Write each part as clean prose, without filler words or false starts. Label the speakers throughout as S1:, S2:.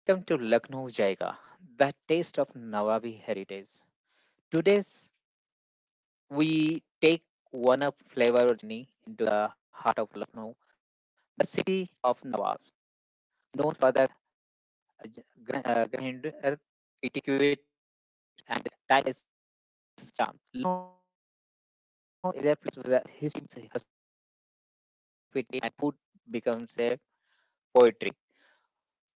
S1: Welcome to Lucknow Jaiga, the taste of Nawabi heritage. Today's we take one up flavor journey into the heart of Lucknow, the city of Nawabs, known for the grand etiquette and timeless charm. Lucknow is a place where history, hospitality, and food becomes a poetry.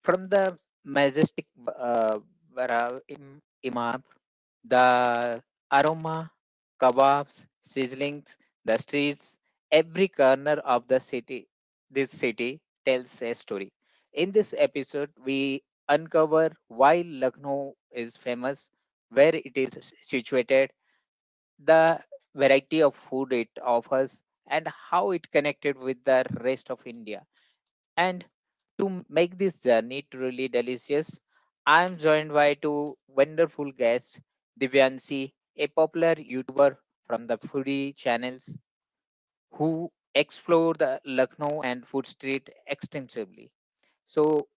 S1: From the majestic Bara- Im- Imam. The aroma, kebabs, ceilings, the streets, every corner of the city tells a story. In this episode, we uncover why Lucknow is famous, where it is situated, the variety of food it offers, and how it connected with the rest of India. And to make this journey truly delicious, I am joined by two wonderful guests, Divyanshi, a popular YouTuber from the foodie channels who explore the Lucknow and food street extensively. So,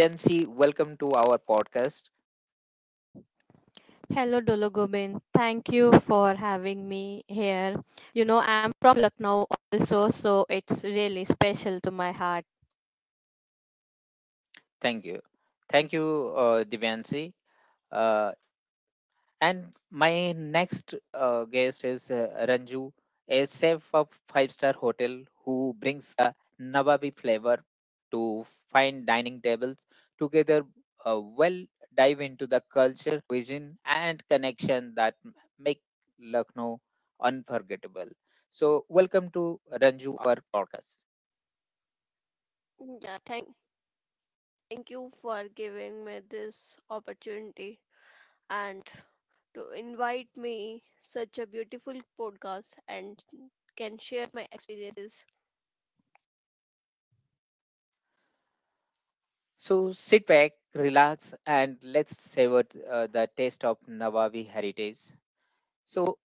S1: Divyanshi, welcome to our podcast. Thank you. Thank you, Divyanshi. Uh, And my next guest is Ranju, a chef of five-star hotel who brings the Nawabi flavor to fine dining tables. Together, we'll dive into the culture, cuisine, and connection that make Lucknow unforgettable. So, welcome to Ranju, our podcast. So, sit back, relax, and let's savor the taste of Nawabi heritage. So,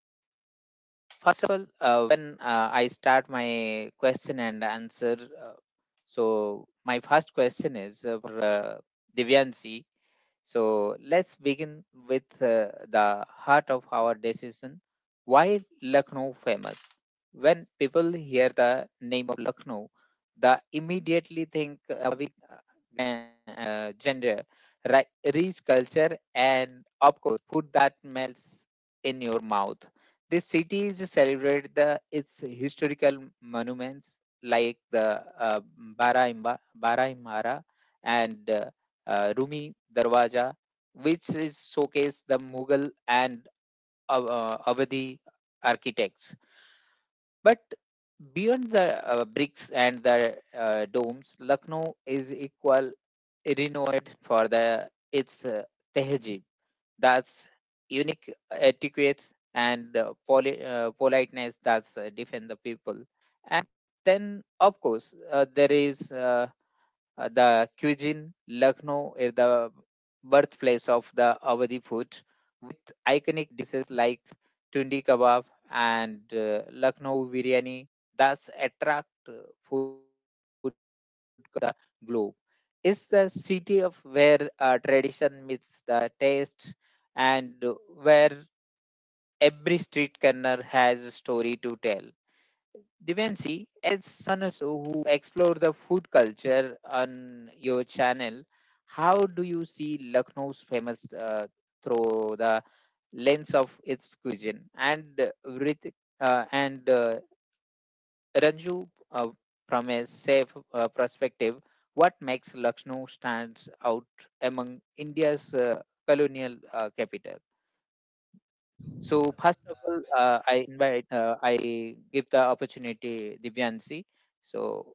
S1: first of all, when I start my question and answer, so my first question is for Divyansi. So let's begin with the heart of our decision. Why Lucknow famous? When people hear the name of Lucknow, they immediately think about gender, rich culture, and of course, food that melts in your mouth. This city is celebrated the its historical monuments like the Baraimba, Baraimara and Rumi Darwaja, which is showcase the Mughal and Avadi architects. But beyond the bricks and the domes, Lucknow is equal renowned for the its tehjeed, that's unique etiquettes and politeness that's defend the people. And then, of course, there is. The cuisine, Lucknow is the birthplace of the Awadhi food, with iconic dishes like tun kebab and Lucknow biryani. Thus, attract food to the globe. It's the city of where tradition meets the taste, and where every street corner has a story to tell. Divanshi, as listeners who explore the food culture on your channel, how do you see Lucknow's famous through the lens of its cuisine? And Ranju, from a safe perspective, what makes Lucknow stands out among India's colonial capital? So first of all, I invite, I give the opportunity Divyansi. So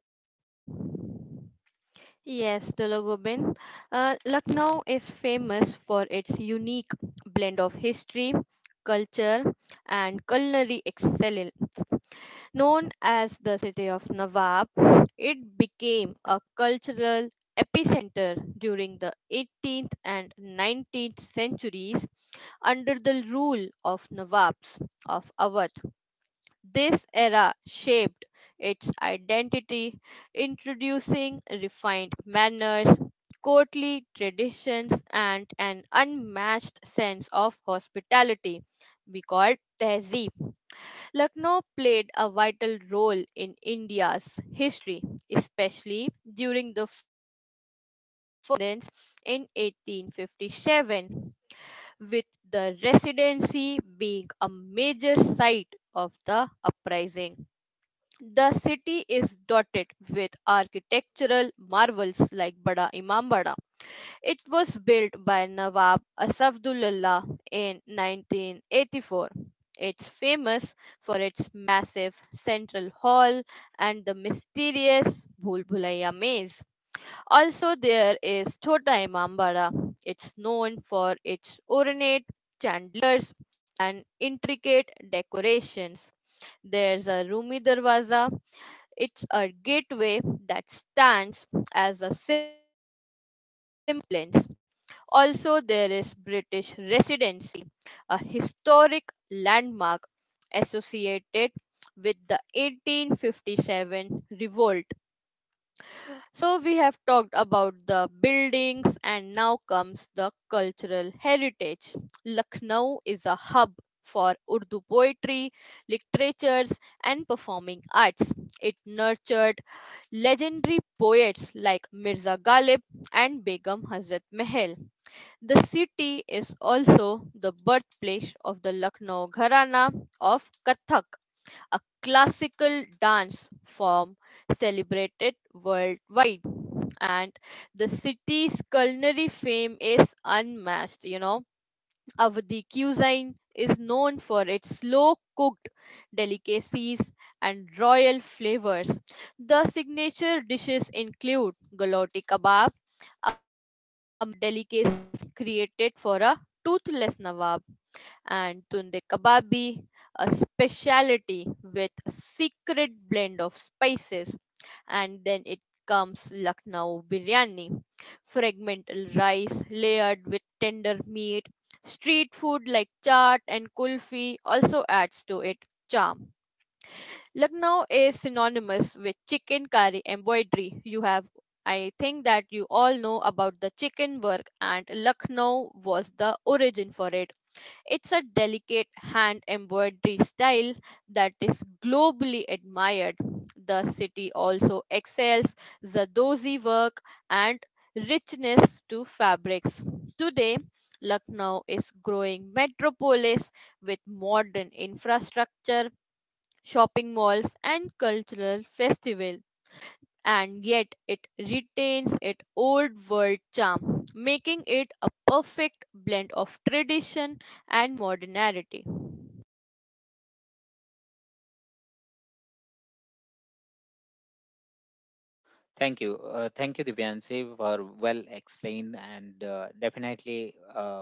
S1: thank you Divyansi for well explained and definitely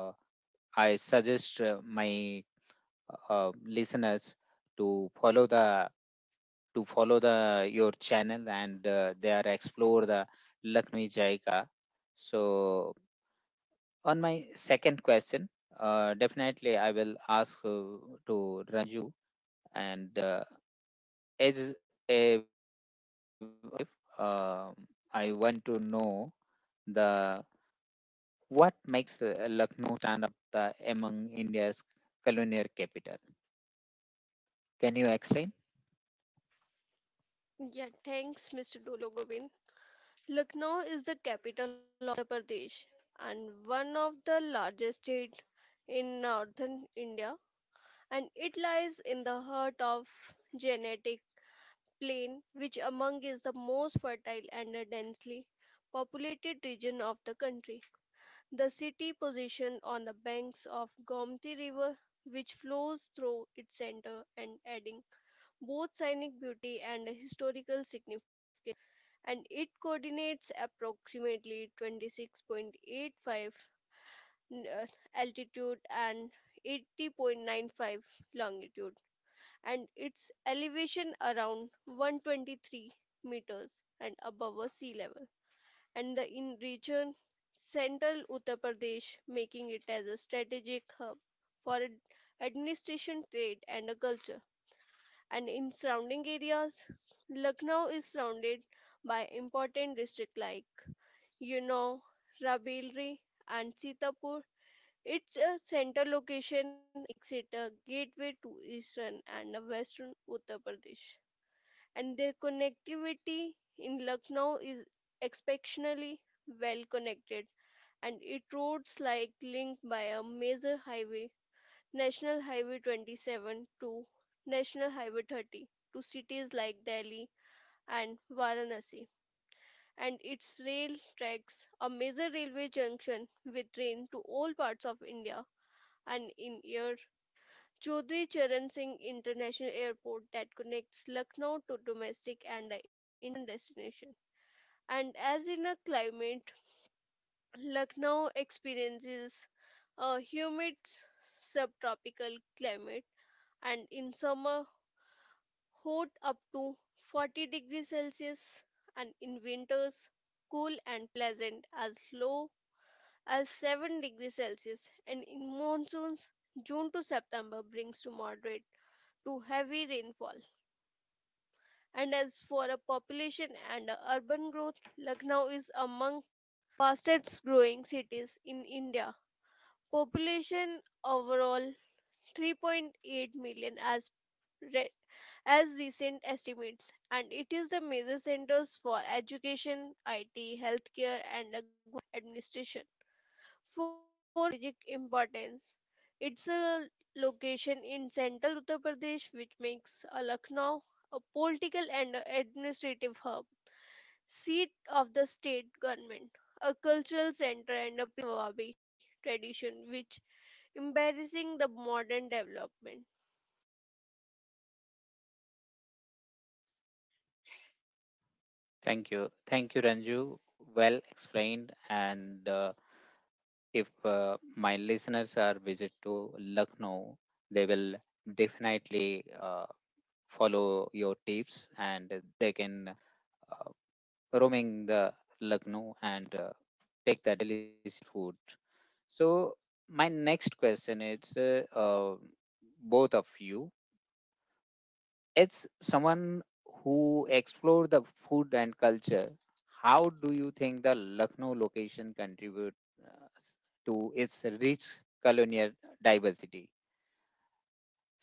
S1: I suggest my listeners to follow the to follow the your channel and they are explore the Lucknow Jai. So on my second question, definitely I will ask to Ranju and as life, I want to know the what makes Lucknow stand out among India's colonial capital. Can you explain? Thank you. Thank you, Ranju. Well explained. And if my listeners are visit to Lucknow, they will definitely follow your tips and they can uh, roaming the Lucknow and take that delicious food. So my next question is both of you. It's someone who explore the food and culture. How do you think the Lucknow location contribute uh, to its rich culinary diversity?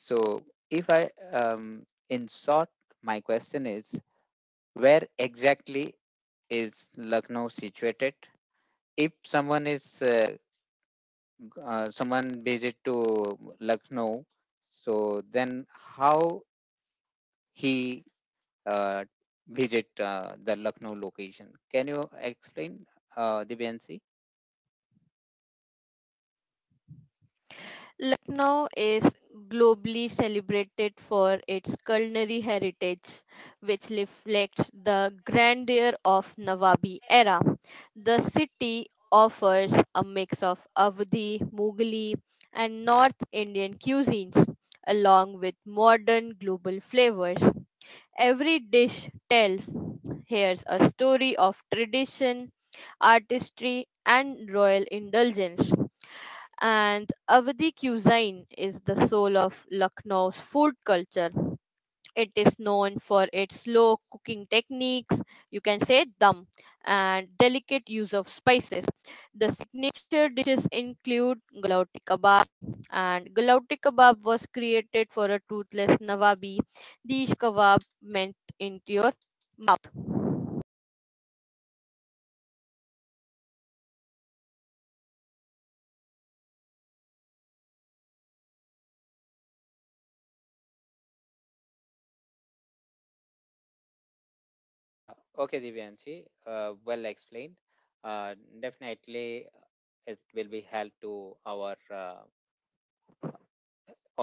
S1: So if I in short, my question is where exactly is Lucknow situated? If someone is someone visit to Lucknow, so then how he uh, visit the Lucknow location? Can you explain, Divyanshi? Okay, Divyanshi, well explained. Uh, definitely, it will be help to our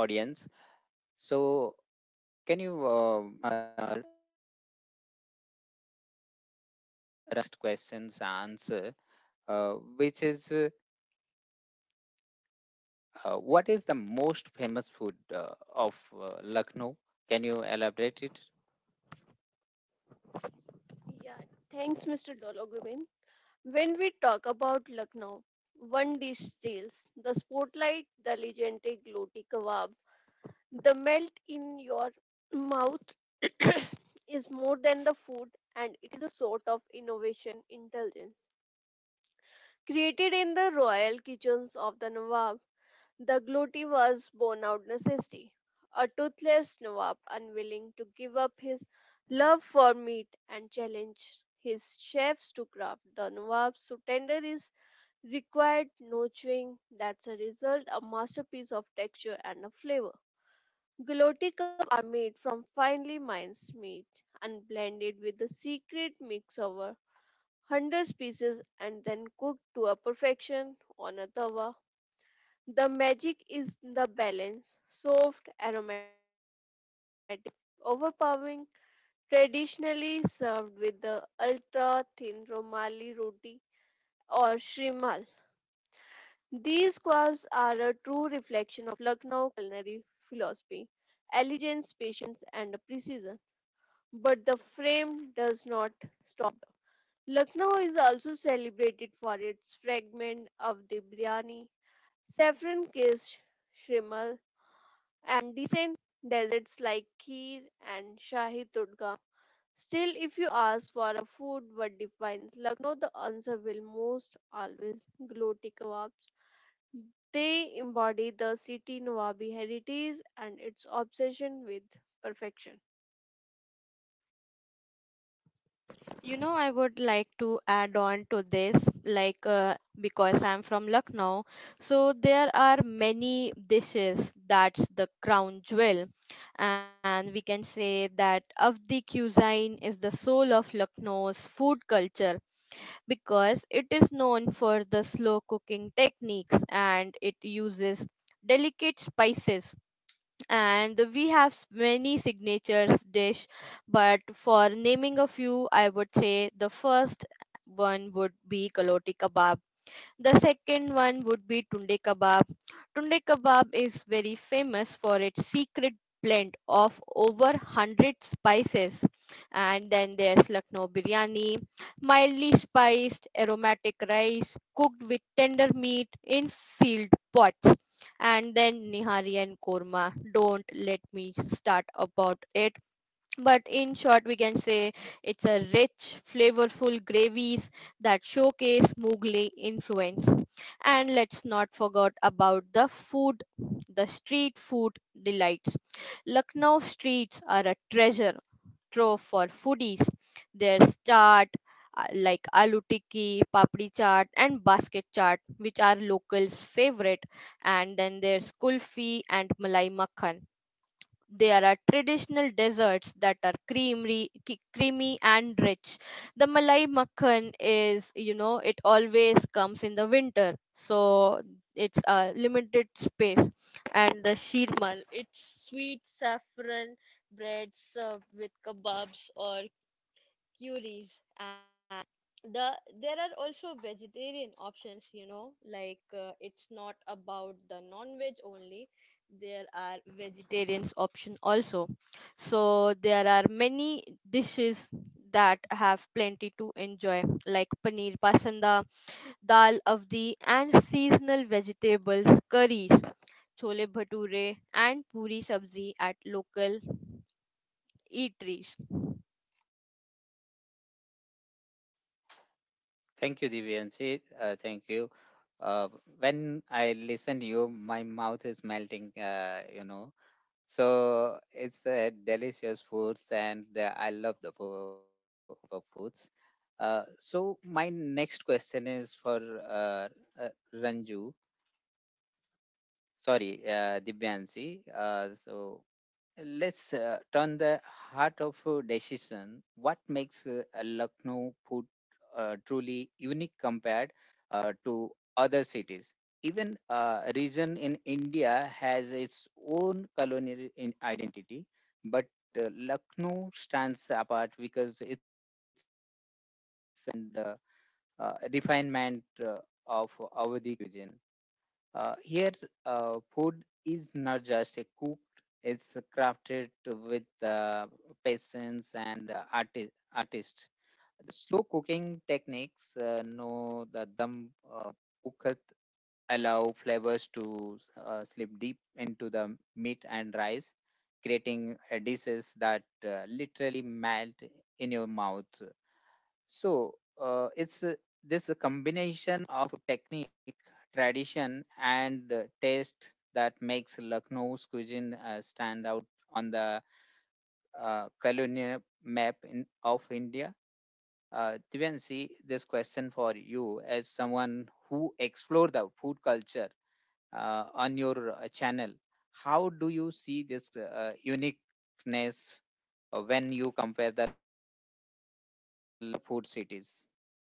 S1: audience. So, can you rest questions answer, which is what is the most famous food of Lucknow? Can you elaborate it? Yeah, thanks, Mr. Dologumin. When we talk about Lucknow, one dish steals the spotlight, the legendary gloti kebab. The melt in your mouth is more than the food, and it is a sort of innovation indulgence. Created in the royal kitchens of the Nawab, the Gloti was born out necessity. A toothless Nawab, unwilling to give up his love for meat and challenge his chefs to craft the Nawab's so tender is required nurturing. That's a result, a masterpiece of texture and a flavor. Gloti cups are made from finely minced meat and blended with a secret mix of 100 pieces and then cooked to a perfection on a tawa. The magic is in the balance, soft, aromatic, overpowering, traditionally served with the ultra thin romali roti or shrimal. These kebabs are a true reflection of Lucknow culinary philosophy, elegance, patience, and precision. But the frame does not. Lucknow is also celebrated for its fragment of the biryani, saffron kissed shrimal, and decent desserts like kheer and shahi tudka. Still, if you ask for a food what defines Lucknow, the answer will most always gloti kebabs. They embody the city Nawabi heritage and its obsession with perfection. Thank you, Divyanshi. Thank you. Uh, when I listen to you, my mouth is melting. So it's delicious foods, and I love the foods. So my next question is for uh, Ranju. Sorry, Divyanshi. So let's turn the heart of decision. What makes a Lucknow food truly unique compared? To other cities. Even region in India has its own colonial in identity, but Lucknow stands apart because it's and refinement of our region. Here, food is not just a cooked; it's crafted with patience and artist. Slow cooking techniques, no the dum uh, cooker allow flavors to slip deep into the meat and rice, creating dishes that literally melt in your mouth. So it's this combination of technique, tradition, and taste that makes Lucknow's cuisine stand out on the colonial map of India. Divyanshi, this question for you as someone who explore the food culture on your channel. How do you see this uniqueness when you compare the food cities?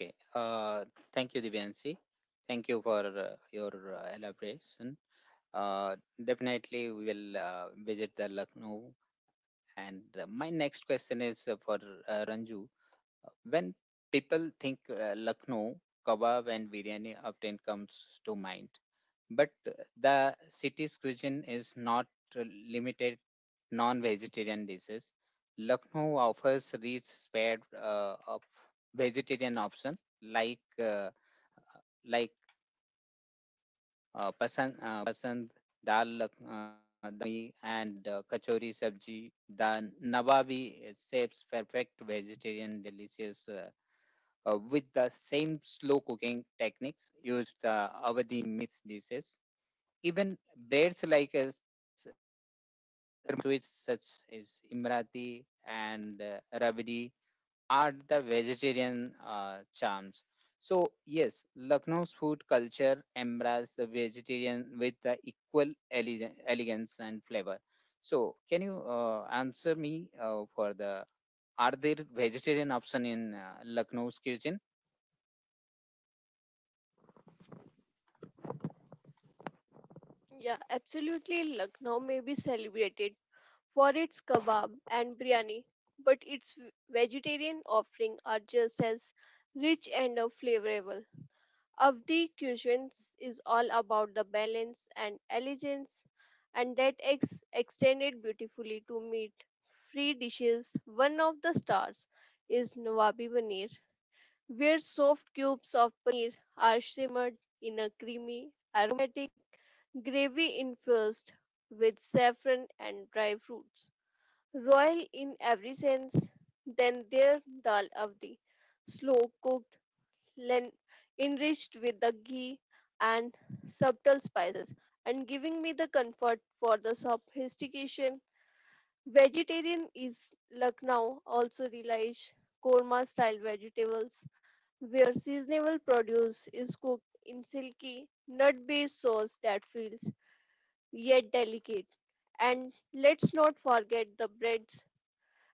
S1: Okay. Thank you, Divyansi. Thank you for your elaboration. Uh, definitely, we will visit the Lucknow. And my next question is for Ranju. When people think Lucknow, kebab and biryani often comes to mind. But the city's cuisine is not uh, limited non-vegetarian dishes. Lucknow offers rich spread of vegetarian options like pasand dal makhni and kachori sabji. The Nawabi shapes perfect vegetarian delicious with the same slow cooking techniques used over the mixed dishes. Even breads like s- such as Imrati and Rabdi are the vegetarian charms. So yes, Lucknow's food culture embraces the vegetarian with the equal elegance and flavor. So can you answer me for the are there vegetarian option in Lucknow's kitchen? Yeah, absolutely. Lucknow may be celebrated for its kebab and biryani, but its vegetarian offering are just as rich and flavorful. Avdi cuisines is all about the balance and elegance, and that extended beautifully to meat. Free dishes. One of the stars is Nawabi Paneer, where soft cubes of paneer are simmered in a creamy, aromatic gravy infused with saffron and dry fruits. Royal in every sense, then there dal avdi, slow cooked, len- enriched with the ghee and subtle spices, and giving me the comfort for the sophistication. Vegetarian is Lucknow also relies korma style vegetables where seasonable produce is cooked in silky nut based sauce that feels yet delicate. And let's not forget the breads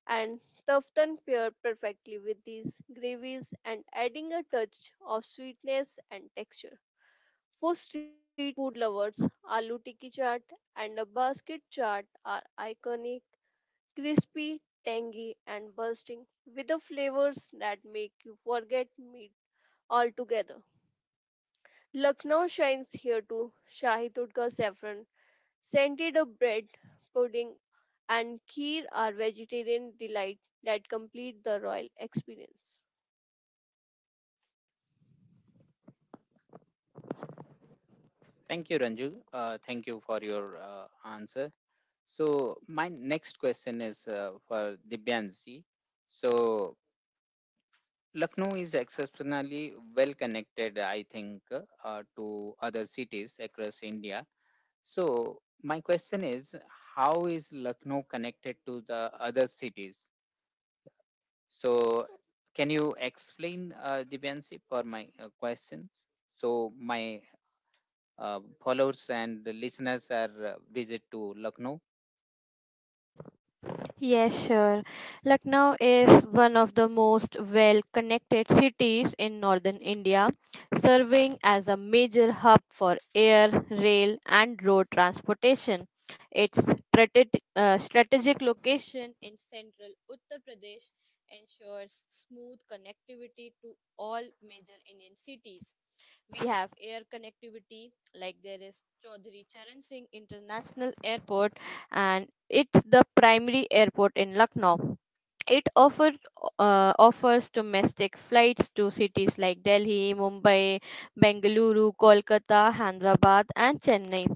S1: and tuftan pair perfectly with these gravies and adding a touch of sweetness and texture. For Street food lovers, aloo tikki chaat and a basket chaat are iconic, crispy, tangy, and bursting with the flavors that make you forget meat altogether. Lucknow shines here too. Shahi Tudka saffron, scented a bread, pudding, and kheer are vegetarian delight that complete the royal experience. Thank you, Ranju. Thank you for your answer. So my next question is for Divyan. So Lucknow is exceptionally well connected, I think, to other cities across India. So my question is, how is Lucknow connected to the other cities? So can you explain, Divyan for my questions? So my followers and listeners are visit to Lucknow.
S2: Yes, sure. Lucknow is one of the most well connected cities in northern India, serving as a major hub for air, rail, and road transportation. Its strategic location in central Uttar Pradesh ensures smooth connectivity to all major Indian cities. We have air connectivity, like there is Chaudhary Charan Singh International Airport, and it's the primary airport in Lucknow. It offers domestic flights to cities like Delhi, Mumbai, Bengaluru, Kolkata, Hyderabad, and Chennai.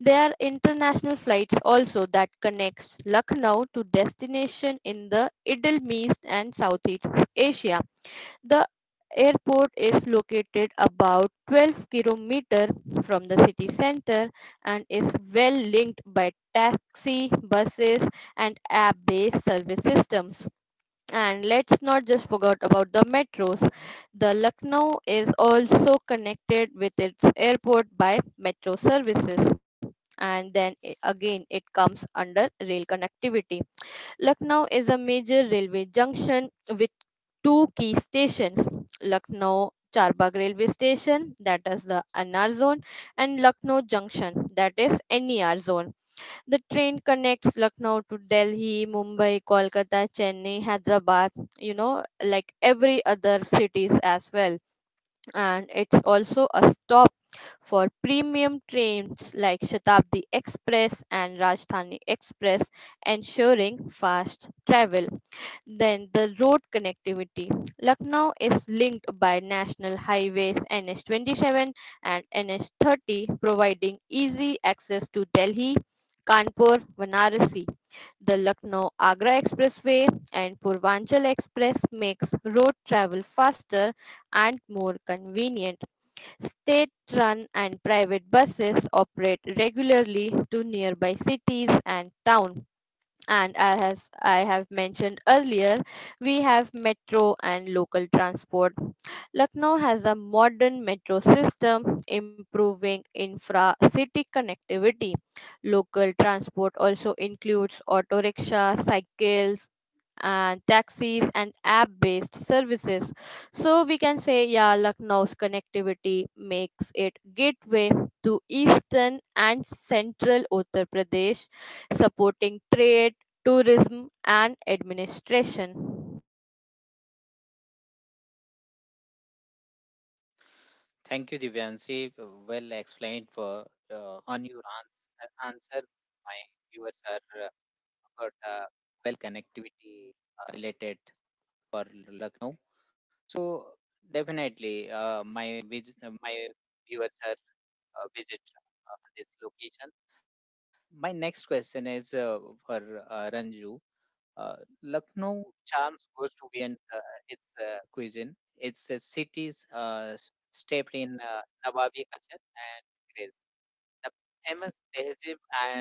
S2: There are international flights also that connects Lucknow to destination in the Middle East and Southeast Asia. The airport is located about 12 kilometers from the city center and is well linked by taxi, buses, and app-based service systems. And let's not just forget about the metros. The Lucknow is also connected with its airport by metro services. And then again, it comes under rail connectivity. Lucknow is a major railway junction with two key stations Lucknow Charbagh railway station, that is the NR zone, and Lucknow Junction, that is NER zone. The train connects Lucknow to Delhi, Mumbai, Kolkata, Chennai, Hyderabad, like every other cities as well. And it's also a stop for premium trains like Shatabdi Express and Rajdhani Express, ensuring fast travel. Then the road connectivity. Lucknow is linked by national highways NH27 and NH30, providing easy access to Delhi, Kanpur, Varanasi. The Lucknow Agra Expressway and Purvanchal Express makes road travel faster and more convenient. State-run and private buses operate regularly to nearby cities and towns, and as I have mentioned earlier, we have metro and local transport. Lucknow has a modern metro system, improving infra city connectivity. Local transport also includes auto rickshaw, cycles, and taxis and app based services. So we can say, yeah, Lucknow's connectivity makes it gateway to eastern and central Uttar Pradesh supporting trade tourism, and administration.
S1: Thank you, Divyanshi. Well explained for on your answer. My viewers are about well connectivity related for Lucknow. So definitely, my viewers are visit this location. My next question is for Ranju. Lucknow charms goes to be its cuisine. Its cities steeped in Nawabi culture and grace. The famous tehzeeb and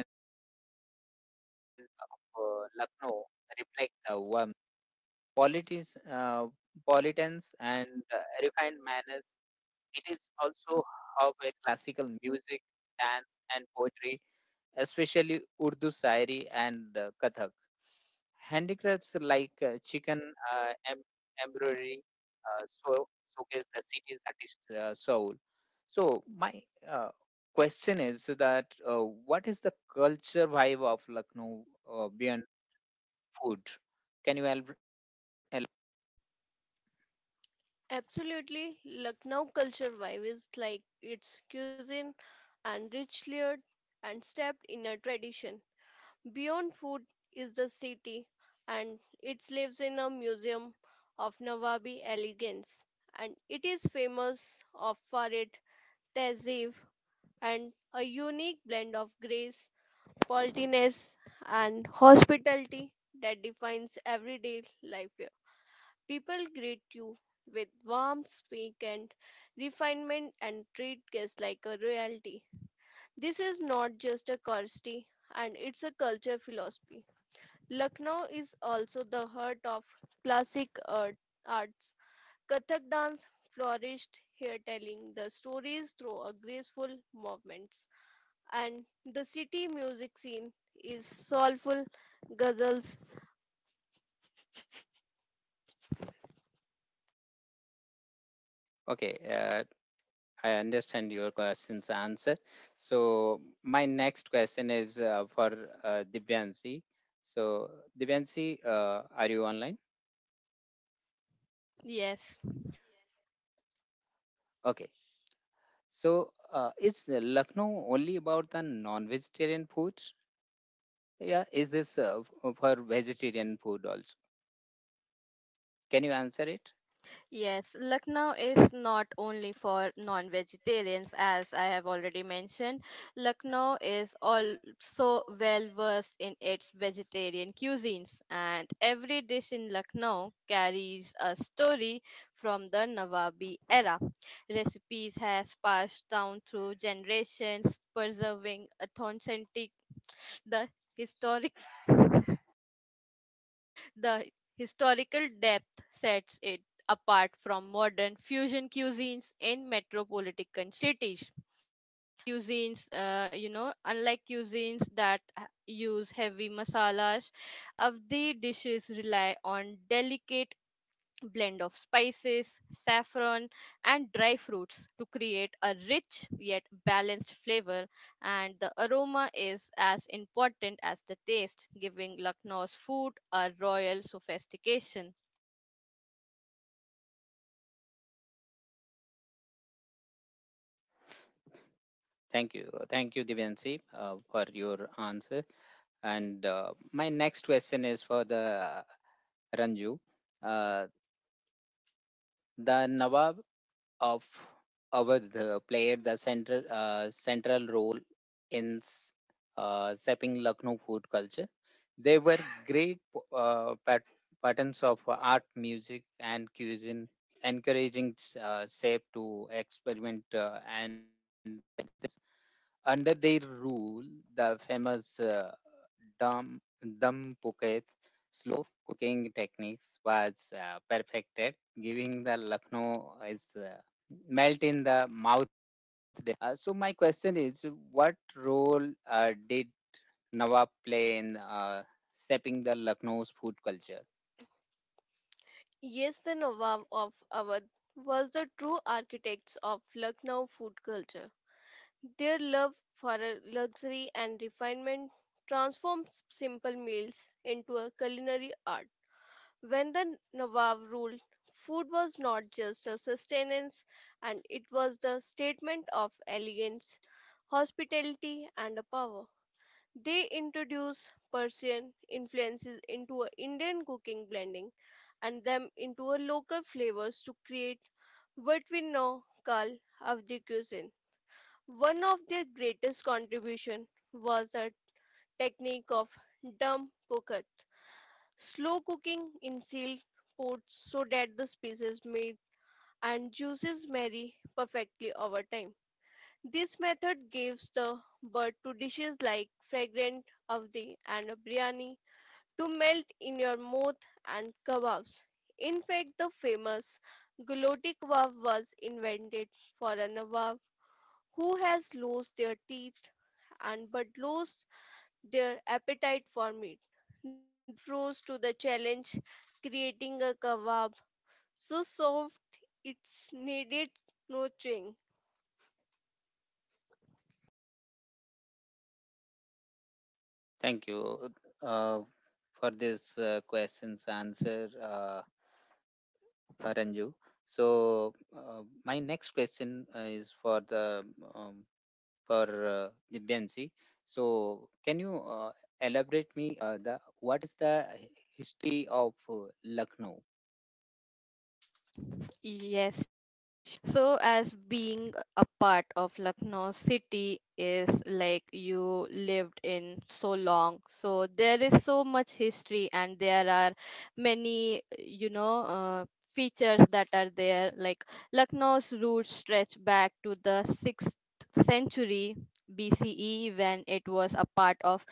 S1: Lucknow reflect the warmth, qualities, politics, and refined manners. It is also hub a classical music, dance, and poetry, especially Urdu Shairi and Kathak. Handicrafts like chicken embroidery so showcase the city's artist soul. So my uh, question is that what is the culture vibe of Lucknow beyond food? Can you help? help-
S2: Absolutely, Lucknow culture vibe is like its cuisine and rich layered and steeped in a tradition. Beyond food is the city, and it lives in a museum of Nawabi elegance, and it is famous of for its tehzeeb and a unique blend of grace, politeness, and hospitality that defines everyday life here. People greet you with warmth, speak, and refinement, and treat guests like a royalty. This is not just a courtesy, and it's a culture philosophy. Lucknow is also the heart of classic art, arts. Kathak dance flourished here, telling the stories through a graceful movements. And the city music scene is soulful ghazals.
S1: Okay, I understand your question's answer. So my next question is for Divyansi. So Divyansi, are you online?
S2: Yes.
S1: Okay. So, is Lucknow only about the non-vegetarian foods? Yeah, is this for vegetarian food also? Can you answer it?
S2: Yes, Lucknow is not only for non-vegetarians, as I have already mentioned. Lucknow is also well versed in its vegetarian cuisines, and every dish in Lucknow carries a story from the Nawabi era. Recipes has passed down through generations, preserving authentic the historic the historical depth sets it apart from modern fusion cuisines in metropolitan cities. Unlike cuisines that use heavy masalas, of the dishes rely on delicate blend of spices, saffron, and dry fruits to create a rich yet balanced flavor. And the aroma is as important as the taste, giving Lucknow's food a royal sophistication.
S1: Thank you, Divyanshi, for your answer. And my next question is for the Ranju. Uh, the Nawab of Avadh played the central role in shaping Lucknow food culture. They were great uh, pat- patterns of art, music, and cuisine, encouraging chef to experiment. And under their rule, the famous dum dum pocket slow cooking techniques was perfected, giving the Lucknow is melt in the mouth today. So my question is, what role did Nawab play in shaping the Lucknow's food culture?
S2: Yes, the Nawab of Awadh was the true architects of Lucknow food culture. Their love for luxury and refinement transformed simple meals into a culinary art. When the Nawab ruled, food was not just a sustenance, and it was the statement of elegance, hospitality, and a power. They introduced Persian influences into a Indian cooking blending and them into a local flavors to create what we now call Avdi cuisine. One of their greatest contribution was the technique of dum pokat slow cooking in sealed pots so that the spices meat and juices marry perfectly over time. This method gives the birth to dishes like fragrant avdi and biryani to melt in your mouth and kebabs. In fact, the famous guloti kebab was invented for a nawab who has lost their teeth and but lost their appetite for meat. Rose to the challenge creating a kebab so soft it's needed nurturing.
S1: Thank you uh, for this question's answer, Ranju. So my next question is um, for the BNC. So can you elaborate me the what is the history of Lucknow?
S2: Yes. So, as being a part of Lucknow city is like you lived in so long, so there is so much history, and there are many features that are there. Like Lucknow's roots stretch back to the sixth century BCE when it was a part of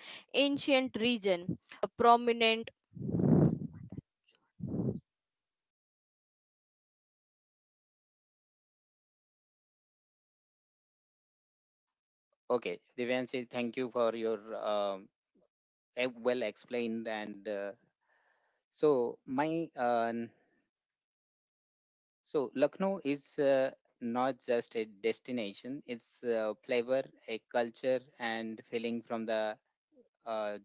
S1: Okay, Divyansi, thank you for your well explained and so my so Lucknow is not just a destination, it's a flavor, a culture, and feeling from the uh,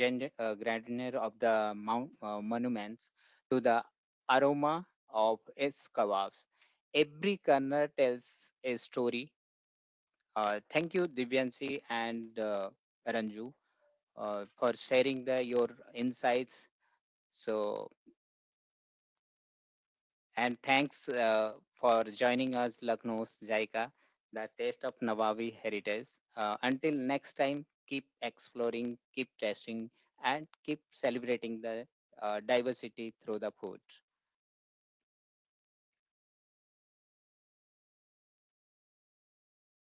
S1: grandeur of the monuments to the aroma of its kebabs, every corner tells a story. Thank you, Divyanshi, and Ranju, for sharing the your insights. so And thanks for joining us, Lucknow's Jaika, the taste of Nawabi heritage. Until next time, keep exploring, keep testing, and keep celebrating the diversity through the food.